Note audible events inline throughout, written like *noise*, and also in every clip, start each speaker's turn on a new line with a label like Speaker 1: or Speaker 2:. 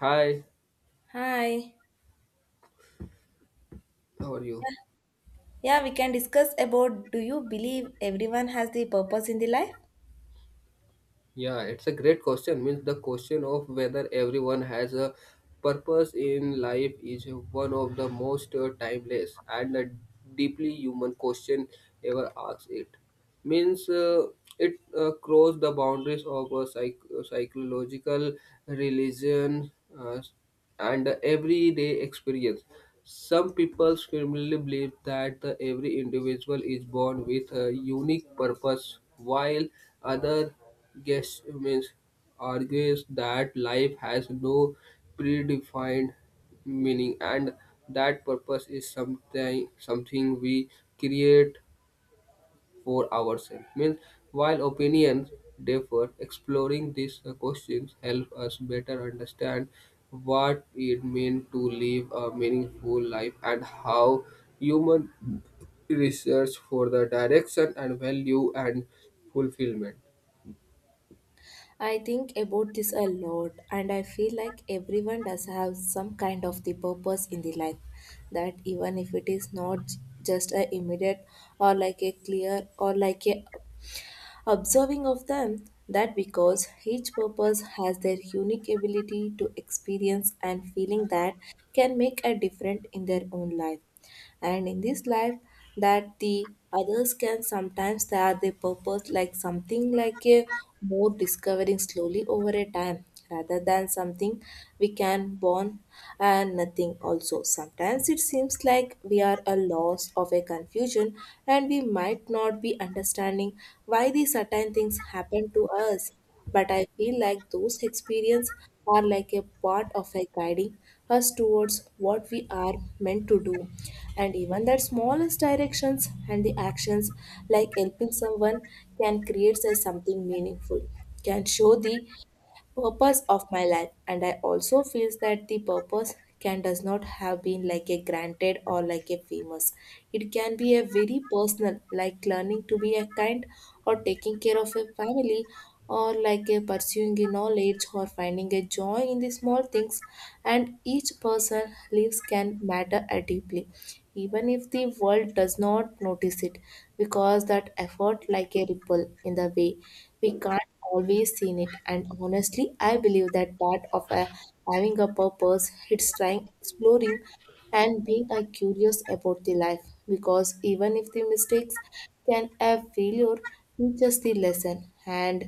Speaker 1: Hi,
Speaker 2: Hi.
Speaker 1: how are you?
Speaker 2: Yeah, we can discuss about do you believe everyone has the purpose in the life?
Speaker 1: Yeah, it's a great question. Means the question of whether everyone has a purpose in life is one of the most timeless and a deeply human question ever asked. It means it crossed the boundaries of psychological religion uh, and everyday experience. Some people firmly believe that the every individual is born with a unique purpose while other guess means argues that life has no predefined meaning and that purpose is something we create for ourselves. Means while opinions differ, exploring these questions help us better understand what it means to live a meaningful life and how human research for the direction and value and fulfillment.
Speaker 2: I think about this a lot, and I feel like everyone does have some kind of the purpose in the life. That even if it is not just a immediate or like a clear or like a observing of them, that because each purpose has their unique ability to experience and feeling that can make a difference in their own life. And in this life that the others can sometimes they are the purpose like something like a more discovering slowly over a time rather than something we can born. And nothing also sometimes it seems like we are a loss of a confusion, and we might not be understanding why these certain things happen to us. But I feel like those experiences are like a part of a guiding us towards what we are meant to do. And even that smallest directions and the actions like helping someone can create a something meaningful, can show the purpose of my life. And I also feels that the purpose can does not have been like a granted or like a famous. It can be a very personal, like learning to be a kind, or taking care of a family, or like a pursuing a knowledge, or finding a joy in the small things. And each person lives can matter deeply, even if the world does not notice it, because that effort like a ripple in the way we can't always see it. And honestly I believe that part of a having a purpose, it's trying exploring and being a curious about the life, because even if the mistakes can a failure teach us the lesson, and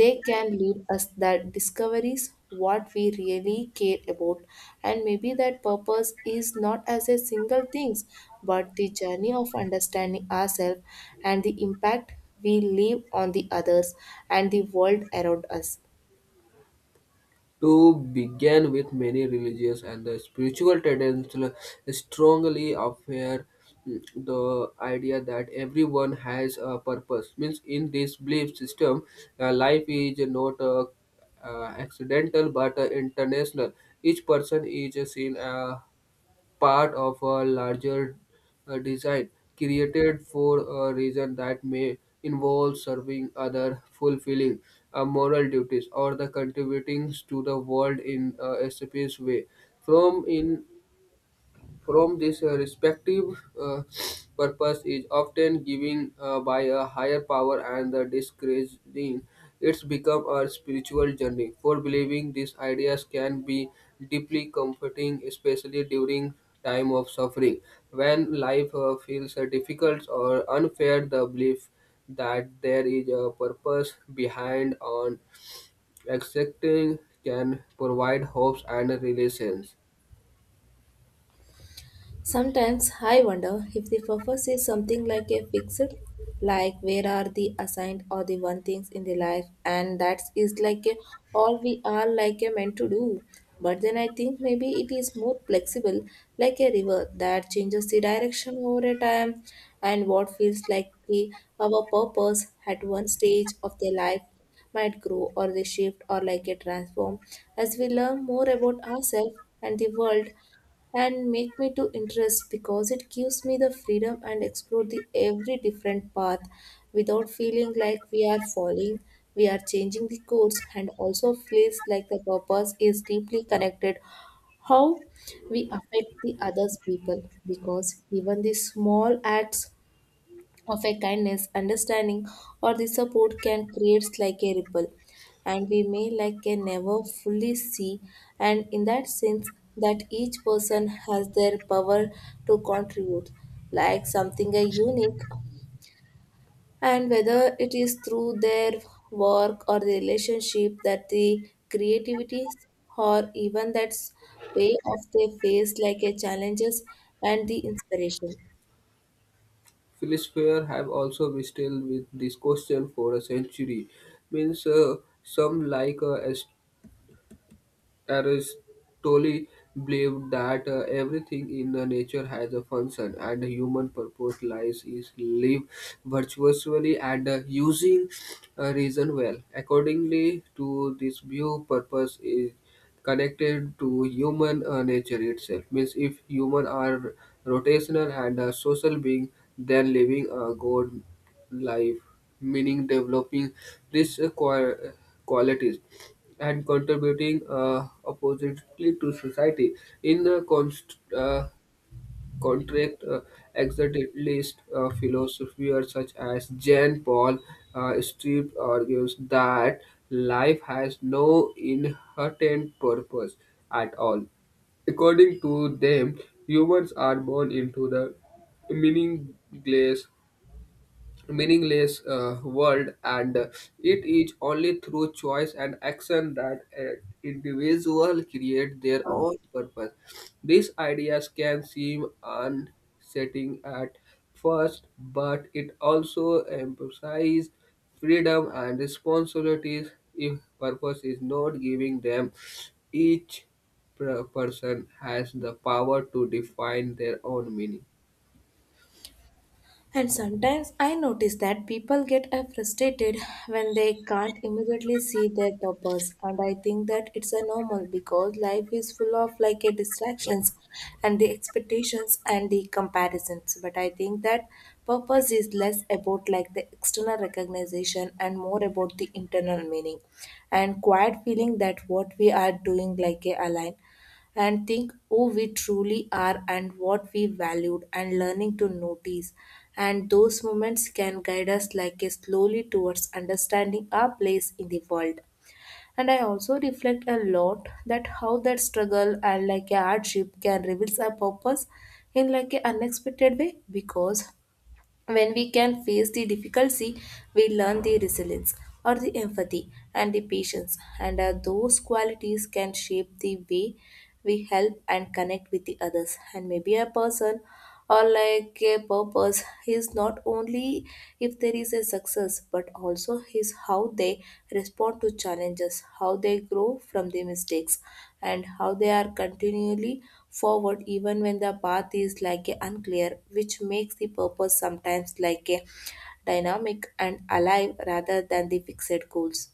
Speaker 2: they can lead us that discoveries what we really care about. And maybe that purpose is not as a single things, but the journey of understanding ourselves and the impact we leave on the others and the world around us.
Speaker 1: To begin with, many religious and the spiritual traditions strongly affair mm, the idea that everyone has a purpose means in this belief system, life is not accidental but international. Each person is seen part of a larger design created for a reason that may involve serving other, fulfilling moral duties, or the contributing to the world in a specific way. From in from this respective, uh, purpose is often given by a higher power and the discouraging it's become a spiritual journey. For believing these ideas can be deeply comforting, especially during time of suffering. When life feels difficult or unfair, the belief that there is a purpose behind on accepting can provide hopes and relations.
Speaker 2: Sometimes I wonder if the purpose is something like a fixed, like where are the assigned or the one things in the life, and that is like a all we are like a meant to do. But then I think maybe it is more flexible, like a river that changes the direction over a time, and what feels like the, our purpose at one stage of their life might grow or they shift or like a transform as we learn more about ourselves and the world. And make me to interest because it gives me the freedom and explore the every different path without feeling like we are falling, we are changing the course. And also feels like the purpose is deeply connected how we affect the others people, because even the small acts of a kindness, understanding, or the support can create like a ripple, and we may like a never fully see. And in that sense, that each person has their power to contribute, like something a unique, and whether it is through their work or the relationship that the creativity or even that's way of their face like a challenges and the inspiration.
Speaker 1: Philosophers have also wrestled with this question for a century. Means some like Aristotle believed that everything in the nature has a function, and the human purpose lies is live virtuously and using reason well. Accordingly to this view, purpose is connected to human nature itself. Means if human are rotational and a social being, then living a god life, meaning developing these qualities and contributing oppositely to society. In the contract, existentialist philosophers such as Jean Paul Street argues that life has no inherent purpose at all. According to them, humans are born into the meaningless meaningless world, and it is only through choice and action that an individual create their own purpose. These ideas can seem unsettling at first, but it also emphasizes freedom and responsibilities. If purpose is not giving them, each person has the power to define their own meaning.
Speaker 2: And sometimes I notice that people get frustrated when they can't immediately see their purpose. And I think that it's a normal because life is full of like a distractions and the expectations and the comparisons. But I think that purpose is less about like the external recognition and more about the internal meaning and quiet feeling that what we are doing like a align and think who we truly are and what we valued. And learning to notice and those moments can guide us like a slowly towards understanding our place in the world. And I also reflect a lot that how that struggle and like a hardship can reveal our purpose in like an unexpected way, because when we can face the difficulty, we learn the resilience or the empathy and the patience, and those qualities can shape the way we help and connect with the others. And maybe a person or like a purpose is not only if there is a success, but also is how they respond to challenges, how they grow from their mistakes, and how they are continually forward even when the path is like a unclear, which makes the purpose sometimes like a dynamic and alive rather than the fixed goals.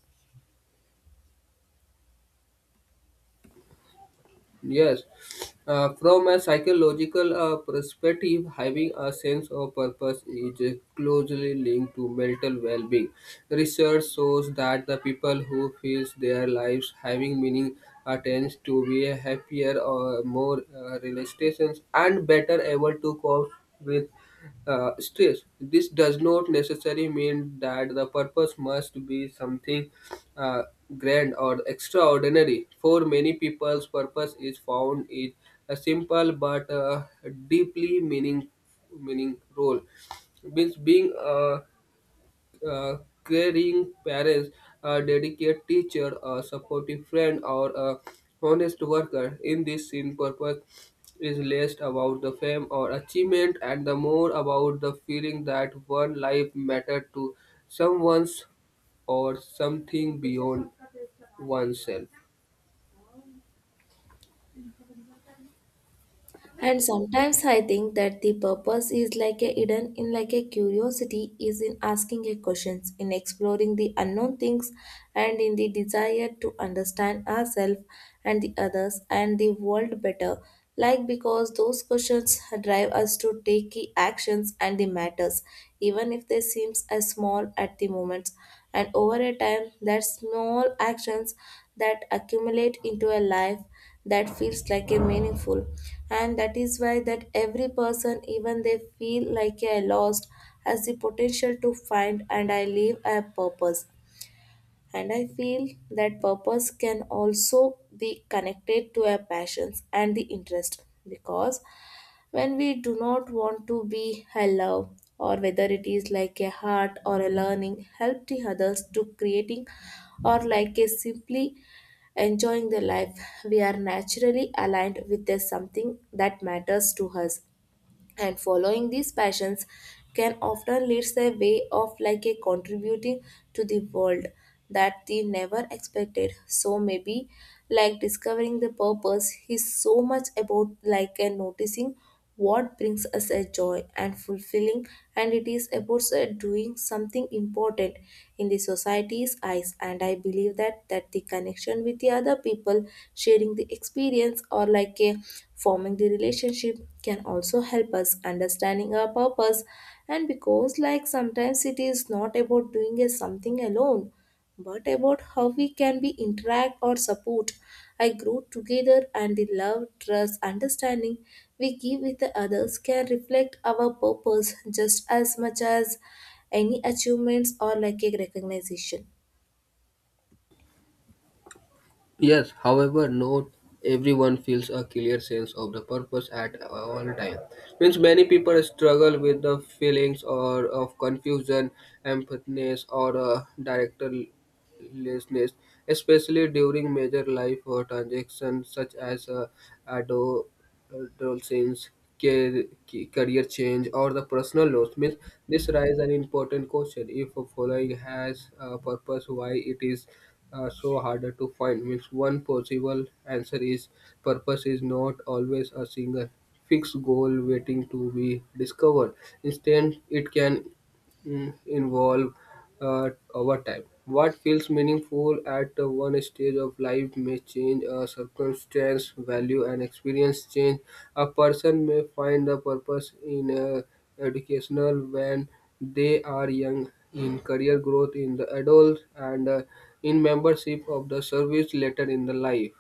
Speaker 1: Yes, from a psychological perspective, having a sense of purpose is closely linked to mental well-being. Research shows that the people who feel their lives having meaning tends to be happier or more relaxations and better able to cope with stress. This does not necessarily mean that the purpose must be something uh, grand or extraordinary. For many people's purpose is found in a simple but deeply meaning role, means being uh, caring parents, a dedicated teacher, a supportive friend, or a honest worker. In this scene, purpose is less about the fame or achievement and the more about the feeling that one life mattered to someone's or something beyond oneself.
Speaker 2: And sometimes I think that the purpose is like a hidden in like a curiosity is in asking a questions, in exploring the unknown things and in the desire to understand ourselves and the others and the world better. Like because those questions drive us to take key actions and the matters, even if they seems as small at the moment. And over a time that small actions that accumulate into a life that feels like a meaningful. And that is why that every person even they feel like a lost has the potential to find and I live a purpose. And I feel that purpose can also be connected to our passions and the interest, because when we do not want to be a love or whether it is like a heart or a learning help the others to creating or like a simply enjoying the life, we are naturally aligned with the something that matters to us. And following these passions can often lead a way of like a contributing to the world that they never expected. So maybe like discovering the purpose is so much about like and noticing what brings us a joy and fulfilling, and it is about also doing something important in the society's eyes. And I believe that the connection with the other people sharing the experience or like a forming the relationship can also help us understanding our purpose. And because like sometimes it is not about doing a something alone, but about how we can be interact or support. I grow together, and the love, trust, understanding we give with the others can reflect our purpose just as much as any achievements or like a recognition.
Speaker 1: Yes, however, not everyone feels a clear sense of the purpose at all time. Means many people struggle with the feelings or of confusion, empathiness, or directionlessness, especially during major life or transactions such as adolescence, ca- career change, or the personal loss. Means this raises an important question: if a following has a purpose, why it is so harder to find? Means one possible answer is purpose is not always a single fixed goal waiting to be discovered. Instead, it can evolve over time. What feels meaningful at one stage of life may change, a circumstance, value, and experience change. A person may find a purpose in educational when they are young, in career growth in the adult, and in membership of the service later in the life.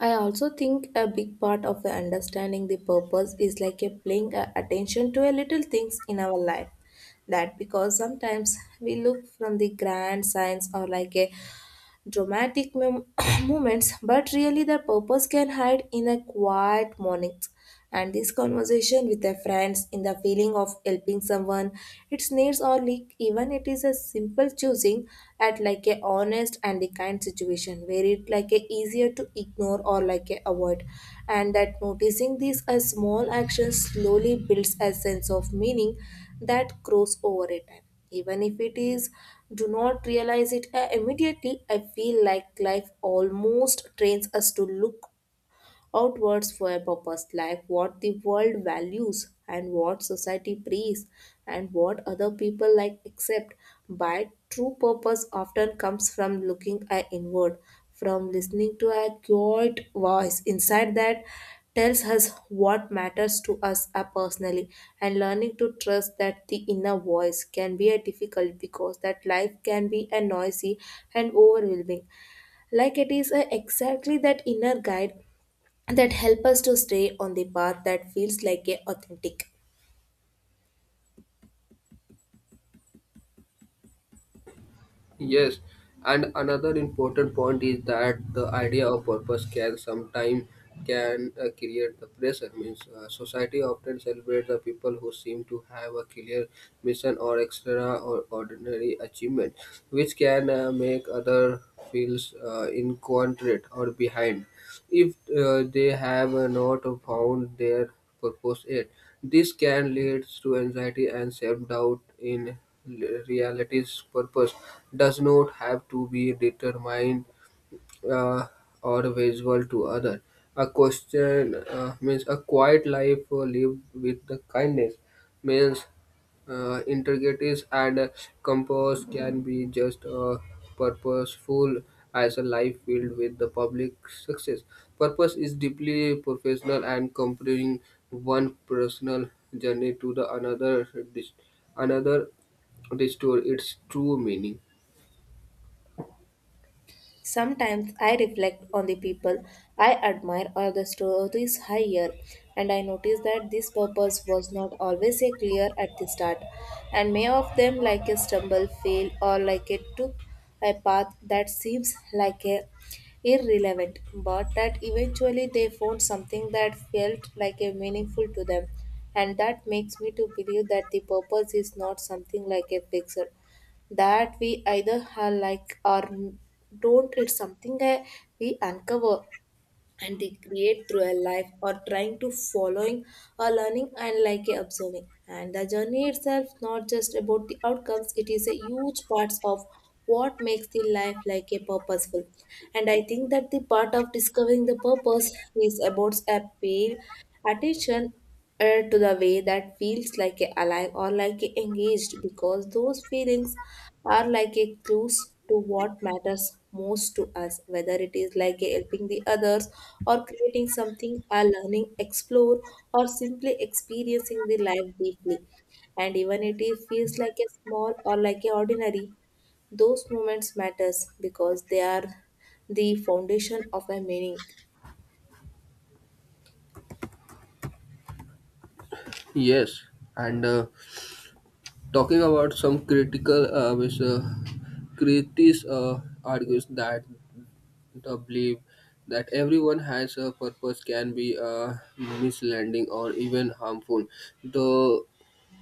Speaker 2: I also think a big part of the understanding the purpose is like a paying a attention to a little things in our life. That because sometimes we look from the grand signs or like a dramatic *coughs* moments, but really their purpose can hide in a quiet mornings. And this conversation with their friends in the feeling of helping someone, its needs or leak, even it is a simple choosing at like a honest and the kind situation where it like a easier to ignore or like a avoid. And that noticing these as small actions slowly builds a sense of meaning that grows over a time even if it is do not realize it immediately. I feel like life almost trains us to look outwards for a purpose like what the world values and what society prays and what other people like accept. But true purpose often comes from looking a inward from listening to a quiet voice inside that tells us what matters to us personally. And learning to trust that the inner voice can be a difficult, because that life can be a noisy and overwhelming, like it is a exactly that inner guide that help us to stay on the path that feels like a authentic.
Speaker 1: Yes, and another important point is that the idea of purpose can sometimes can create the pressure. Means society often celebrates the people who seem to have a clear mission or extra or ordinary achievement, which can make other feels incontinent or behind if they have not found their purpose yet. This can lead to anxiety and self-doubt in reality's purpose does not have to be determined uh, or visual to other. A question means a quiet life lived with the kindness, means integrities and compose can be just purposeful as a life filled with the public success. Purpose is deeply professional, and comparing one personal journey to the another restore its true meaning.
Speaker 2: Sometimes I reflect on the people I admire or the stories I hear, and I notice that this purpose was not always a clear at the start, and many of them, like a stumble, fail, or like it took a path that seems like a irrelevant, but that eventually they found something that felt like a meaningful to them. And that makes me to believe that the purpose is not something like a fixed that we either have like or don't. It's something that we uncover and they create through a life or trying to following or learning and like a observing. And the journey itself not just about the outcomes. It is a huge parts of what makes the life like a purposeful. And I think that the part of discovering the purpose is about a pay attention to the way that feels like a alive or like a engaged, because those feelings are like a clues to what matters most to us whether it is like a helping the others or creating something or learning explore or simply experiencing the life deeply. And even it is, feels like a small or like a ordinary, those moments matters because they are the foundation of a meaning.
Speaker 1: Yes, and. Talking about some critical critics argues that the belief that everyone has a purpose can be misleading or even harmful. Though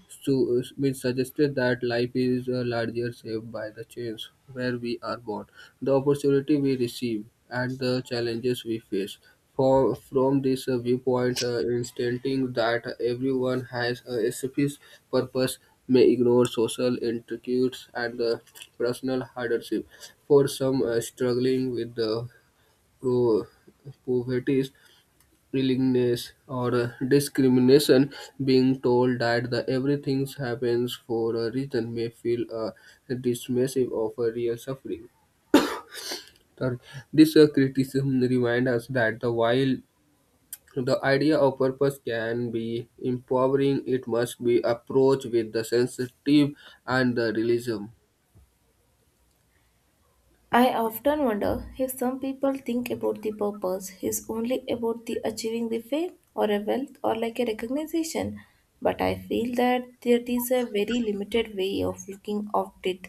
Speaker 1: so, which suggested that life is larger shaped by the chains where we are born, the opportunity we receive, and the challenges we face. From this viewpoint, instanting that everyone has a specific purpose may ignore social intrigues and personal hardship. For some struggling with the pro- uh, poverty willingness or discrimination, being told that the everything happens for a reason may feel dismissive of a real suffering. Third, this criticism reminds us that the while the idea of purpose can be empowering, it must be approached with the sensitive and the realism.
Speaker 2: I often wonder if some people think about the purpose is only about the achieving the fame or a wealth or like a recognition, but I feel that there is a very limited way of looking at it.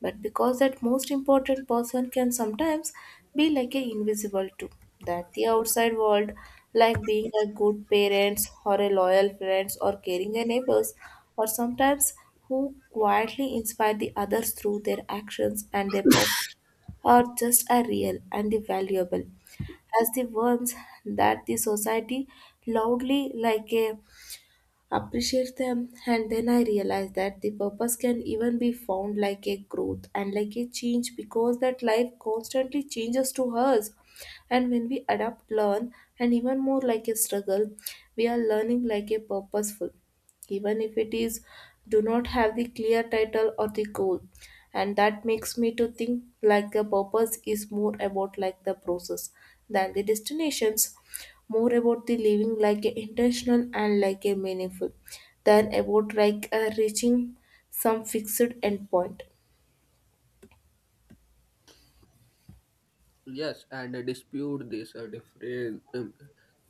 Speaker 2: But because that most important person can sometimes be like a invisible too, that the outside world, like being a good parents or a loyal friends or caring a neighbors, or sometimes who quietly inspire the others through their actions and their purpose or just are real and valuable as the ones that the society loudly like a appreciate them. And then I realized that the purpose can even be found like a growth and like a change because that life constantly changes to us and when we adapt learn and even more like a struggle we are learning like a purposeful even if it is do not have the clear title or the goal. And that makes me to think like the purpose is more about like the process than the destinations, more about the living like a intentional and like a meaningful than about like a reaching some fixed endpoint.
Speaker 1: Yes, and dispute this different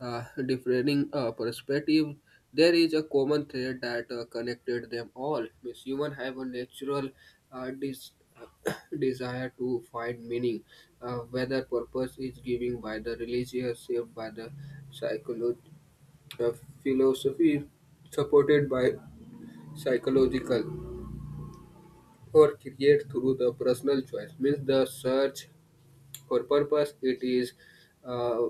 Speaker 1: differing perspective. There is a common thread that connected them all. Means human have a natural uh, dis- *coughs* *clears throat* desire to find meaning, whether purpose is given by the religious, saved by the psychology, uh, philosophy, supported by psychological, or create through the personal choice. Means the search for purpose. It is. Uh,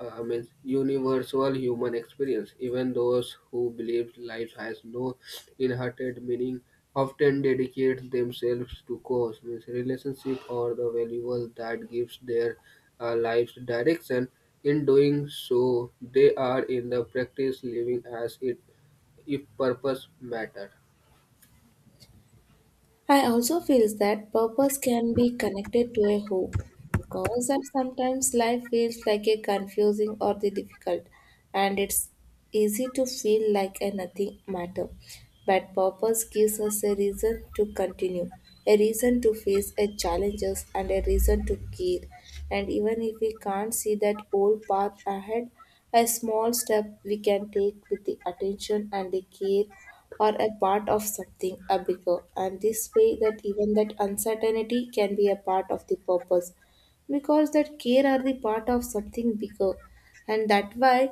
Speaker 1: means universal human experience. Even those who believe life has no inherent meaning often dedicate themselves to cause, means relationship or the valuable that gives their lives direction. In doing so, they are in the practice living as it if purpose matter.
Speaker 2: I also feel that purpose can be connected to a hope because that sometimes life feels like a confusing or the difficult and it's easy to feel like a nothing matter. But purpose gives us a reason to continue, a reason to face a challenges and a reason to care. And even if we can't see that old path ahead, a small step we can take with the attention and the care or a part of something a bigger, and this way that even that uncertainty can be a part of the purpose because that care are the part of something bigger. And that why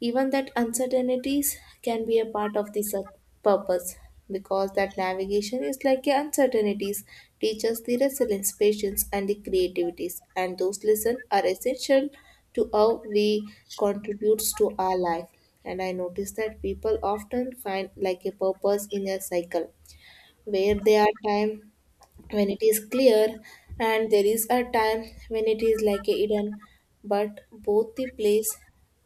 Speaker 2: even that uncertainties can be a part of this purpose because that navigation is like a uncertainties teaches the resilience patience and the creativities and those lessons are essential to how we contributes to our life. And I notice that people often find like a purpose in a cycle where they are time when it is clear and there is a time when it is like a hidden, but both the place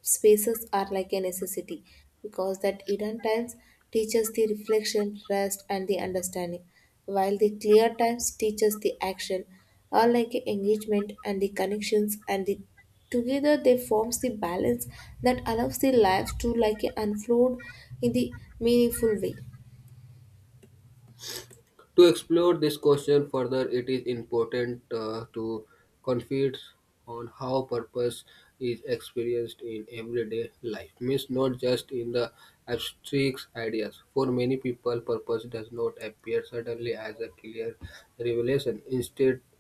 Speaker 2: spaces are like a necessity because that hidden times teaches the reflection rest and the understanding while the clear times teaches the action are like a engagement and the connections, and the together they forms the balance that allows the lives to like a unfold in the meaningful way.
Speaker 1: To explore this question further, it is important to confide on how purpose is experienced in everyday life. Means not just in the abstract ideas. For many people, purpose does not appear suddenly as a clear revelation. Instead, *clears throat*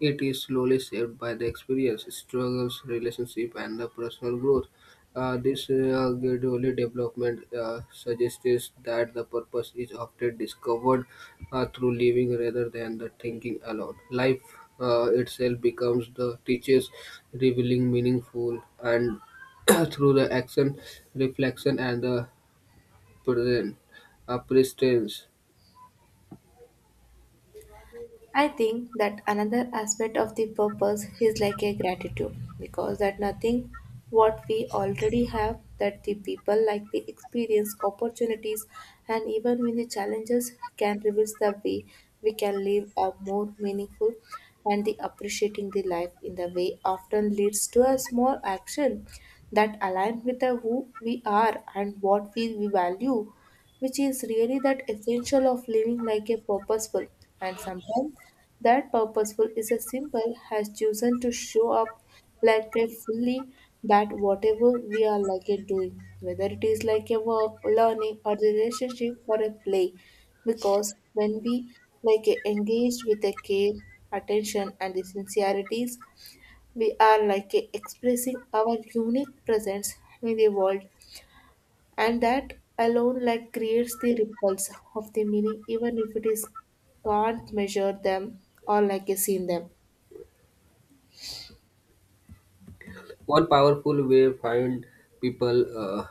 Speaker 1: it is slowly shaped by the experience, struggles, relationship, and the personal growth. This gradually development suggests that the purpose is often discovered through living rather than the thinking alone. Life itself becomes the teaches, revealing meaningful and *clears throat* through the action, reflection, and the present presence.
Speaker 2: I think that another aspect of the purpose is like a gratitude because that nothing what we already have that the people like the experience opportunities and even when the challenges can reveal the way we can live a more meaningful, and the appreciating the life in the way often leads to a small action that align with the who we are and what we value, which is really that essential of living like a purposeful. And sometimes that purposeful is a simple has chosen to show up like a fully that whatever we are like a doing, whether it is like a work learning or the relationship or a play, because when we like a engaged with a care attention and the sincerities we are like a expressing our unique presence in the world. And that alone like creates the ripples of the meaning even if it is can't measure them or like a seen them.
Speaker 1: One powerful way find people. Uh,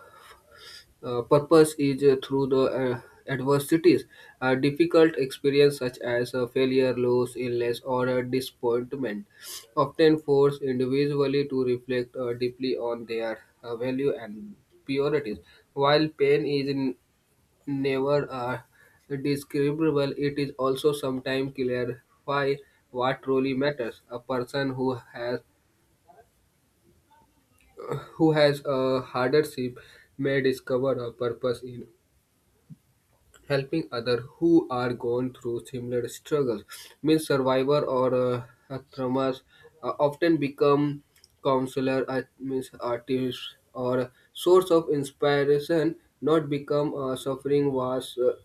Speaker 1: Purpose is through the adversities, a difficult experience such as a failure, loss, illness, or a disappointment, often force individually to reflect deeply on their value and priorities. While pain is never describable, it is also sometimes clarify what truly matters. A person who has a hardship may discover a purpose in helping others who are going through similar struggles. Means survivor or traumas often become counselor, means artist or source of inspiration, not become suffering was.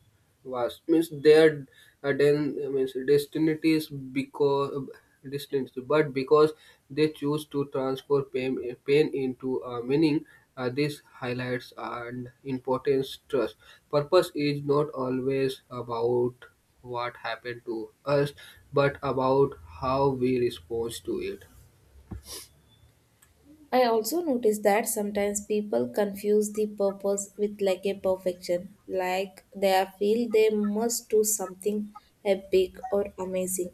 Speaker 1: Vast means their then means destiny is because distance but because they choose to transform pain into meaning. This highlights and importance trust purpose is not always about what happened to us but about how we respond to it.
Speaker 2: I also notice that sometimes people confuse the purpose with like a perfection, like they feel they must do something epic or amazing,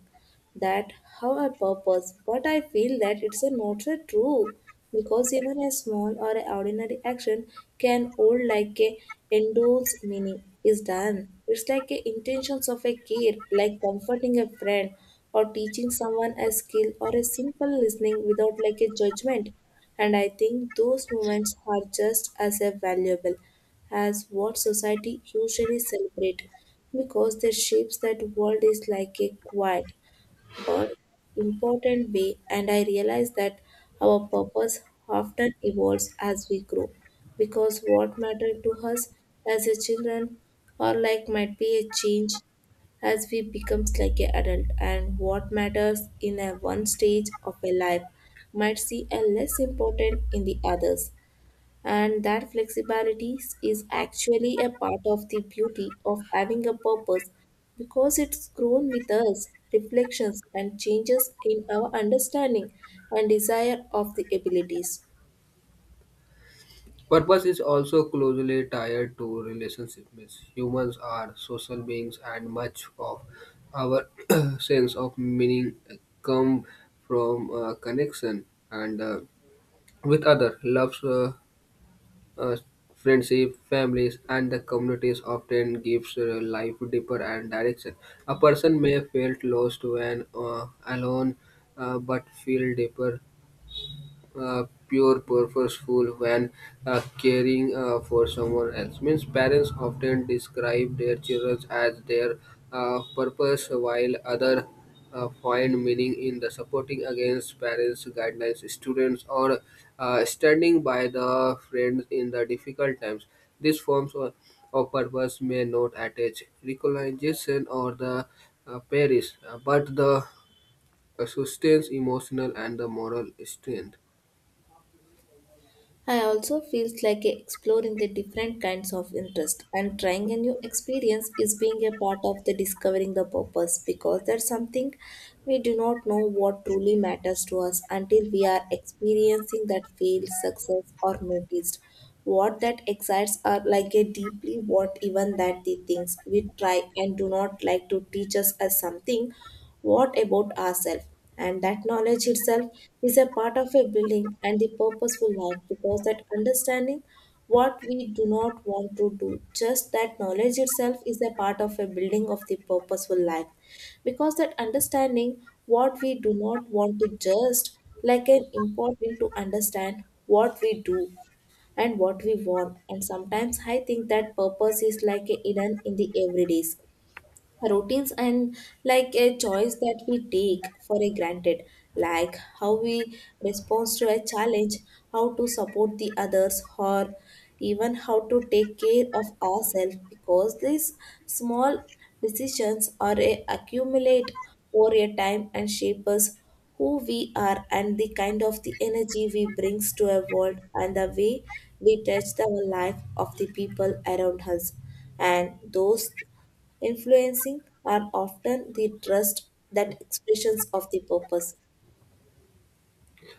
Speaker 2: that have a purpose, but I feel that it's a not so true because even a small or a ordinary action can hold like a endorse meaning is done it's like a intentions of a care, like comforting a friend or teaching someone a skill or a simple listening without like a judgment. And I think those moments are just as a valuable as what society usually celebrate because the shapes that world is like a quiet but important way. And I realize that our purpose often evolves as we grow because what mattered to us as a children or like might be a change as we becomes like an adult, and what matters in a one stage of a life might see a less important in the others. And that flexibility is actually a part of the beauty of having a purpose because it's grown with us, reflections, and changes in our understanding and desire of the abilities.
Speaker 1: Purpose is also closely tied to relationships. Humans are social beings, and much of our *clears throat* sense of meaning come from connection and with other loves, uh, friendship, families, and the communities. Often gives life deeper and direction. A person may feel lost when alone, but feel deeper pure purposeful when caring for someone else, means parents often describe their children as their purpose, while other find meaning in the supporting against parents guidelines students or standing by the friends in the difficult times. These of purpose may not attach recognition or the parish, but the sustains emotional and the moral strength.
Speaker 2: I also feel like exploring the different kinds of interest and trying a new experience is being a part of the discovering the purpose, because that's something we do not know what truly matters to us until we are experiencing that failed success or noticed what that excites are like a deeply, what even that the things we try and do not like to teach us as something, what about ourselves? And that knowledge itself is a part of a building and the purposeful life because that understanding what we do not want to do, just that knowledge itself is a part of a building of the purposeful life because that understanding what we do not want to just like an important to understand what we do and what we want. And sometimes I think that purpose is like a hidden in the everydays routines and like a choice that we take for a granted, like how we respond to a challenge, how to support the others, or even how to take care of ourselves, because these small decisions are a accumulate over a time and shape us who we are and the kind of the energy we brings to a world and the way we touch the life of the people around us. And those influencing are often the trust that expressions of the purpose.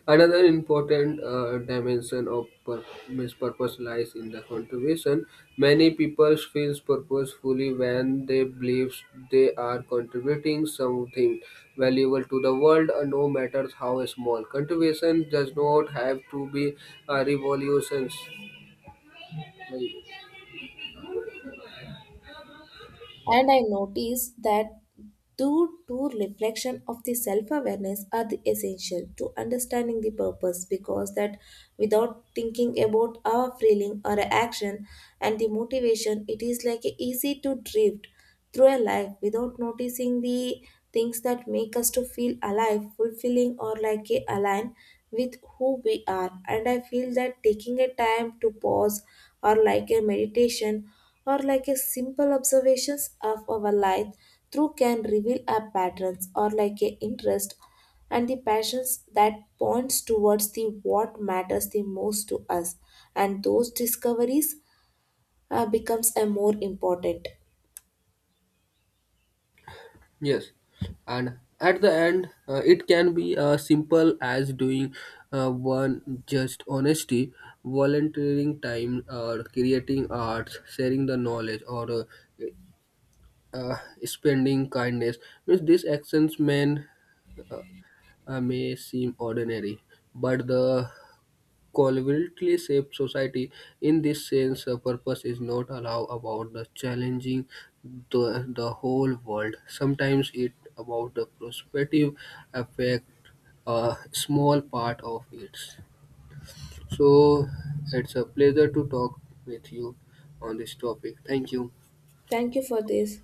Speaker 1: Another important dimension of means purpose lies in the contribution. Many people feel purposefully when they believe they are contributing something valuable to the world, no matter how small. Contribution does not have to be a revolution.
Speaker 2: And I notice that due to reflection of the self-awareness are the essential to understanding the purpose because that without thinking about our feeling or action and the motivation, it is like easy to drift through our life without noticing the things that make us to feel alive fulfilling or like a align with who we are. And I feel that taking a time to pause or like a meditation or like a simple observations of our life through can reveal our patterns or like a interest and the passions that points towards the what matters the most to us, and those discoveries becomes a more important.
Speaker 1: Yes, and at the end, it can be as simple as doing one just honesty, volunteering time, or creating arts, sharing the knowledge, or uh, uh, spending kindness. Means these actions uh, may seem ordinary, but the collaboratively shaped society. In this sense, a purpose is not allow about the challenging the whole world. Sometimes it about the prospective effect a small part of it. So it's a pleasure to talk with you on this topic. Thank you.
Speaker 2: Thank you for this.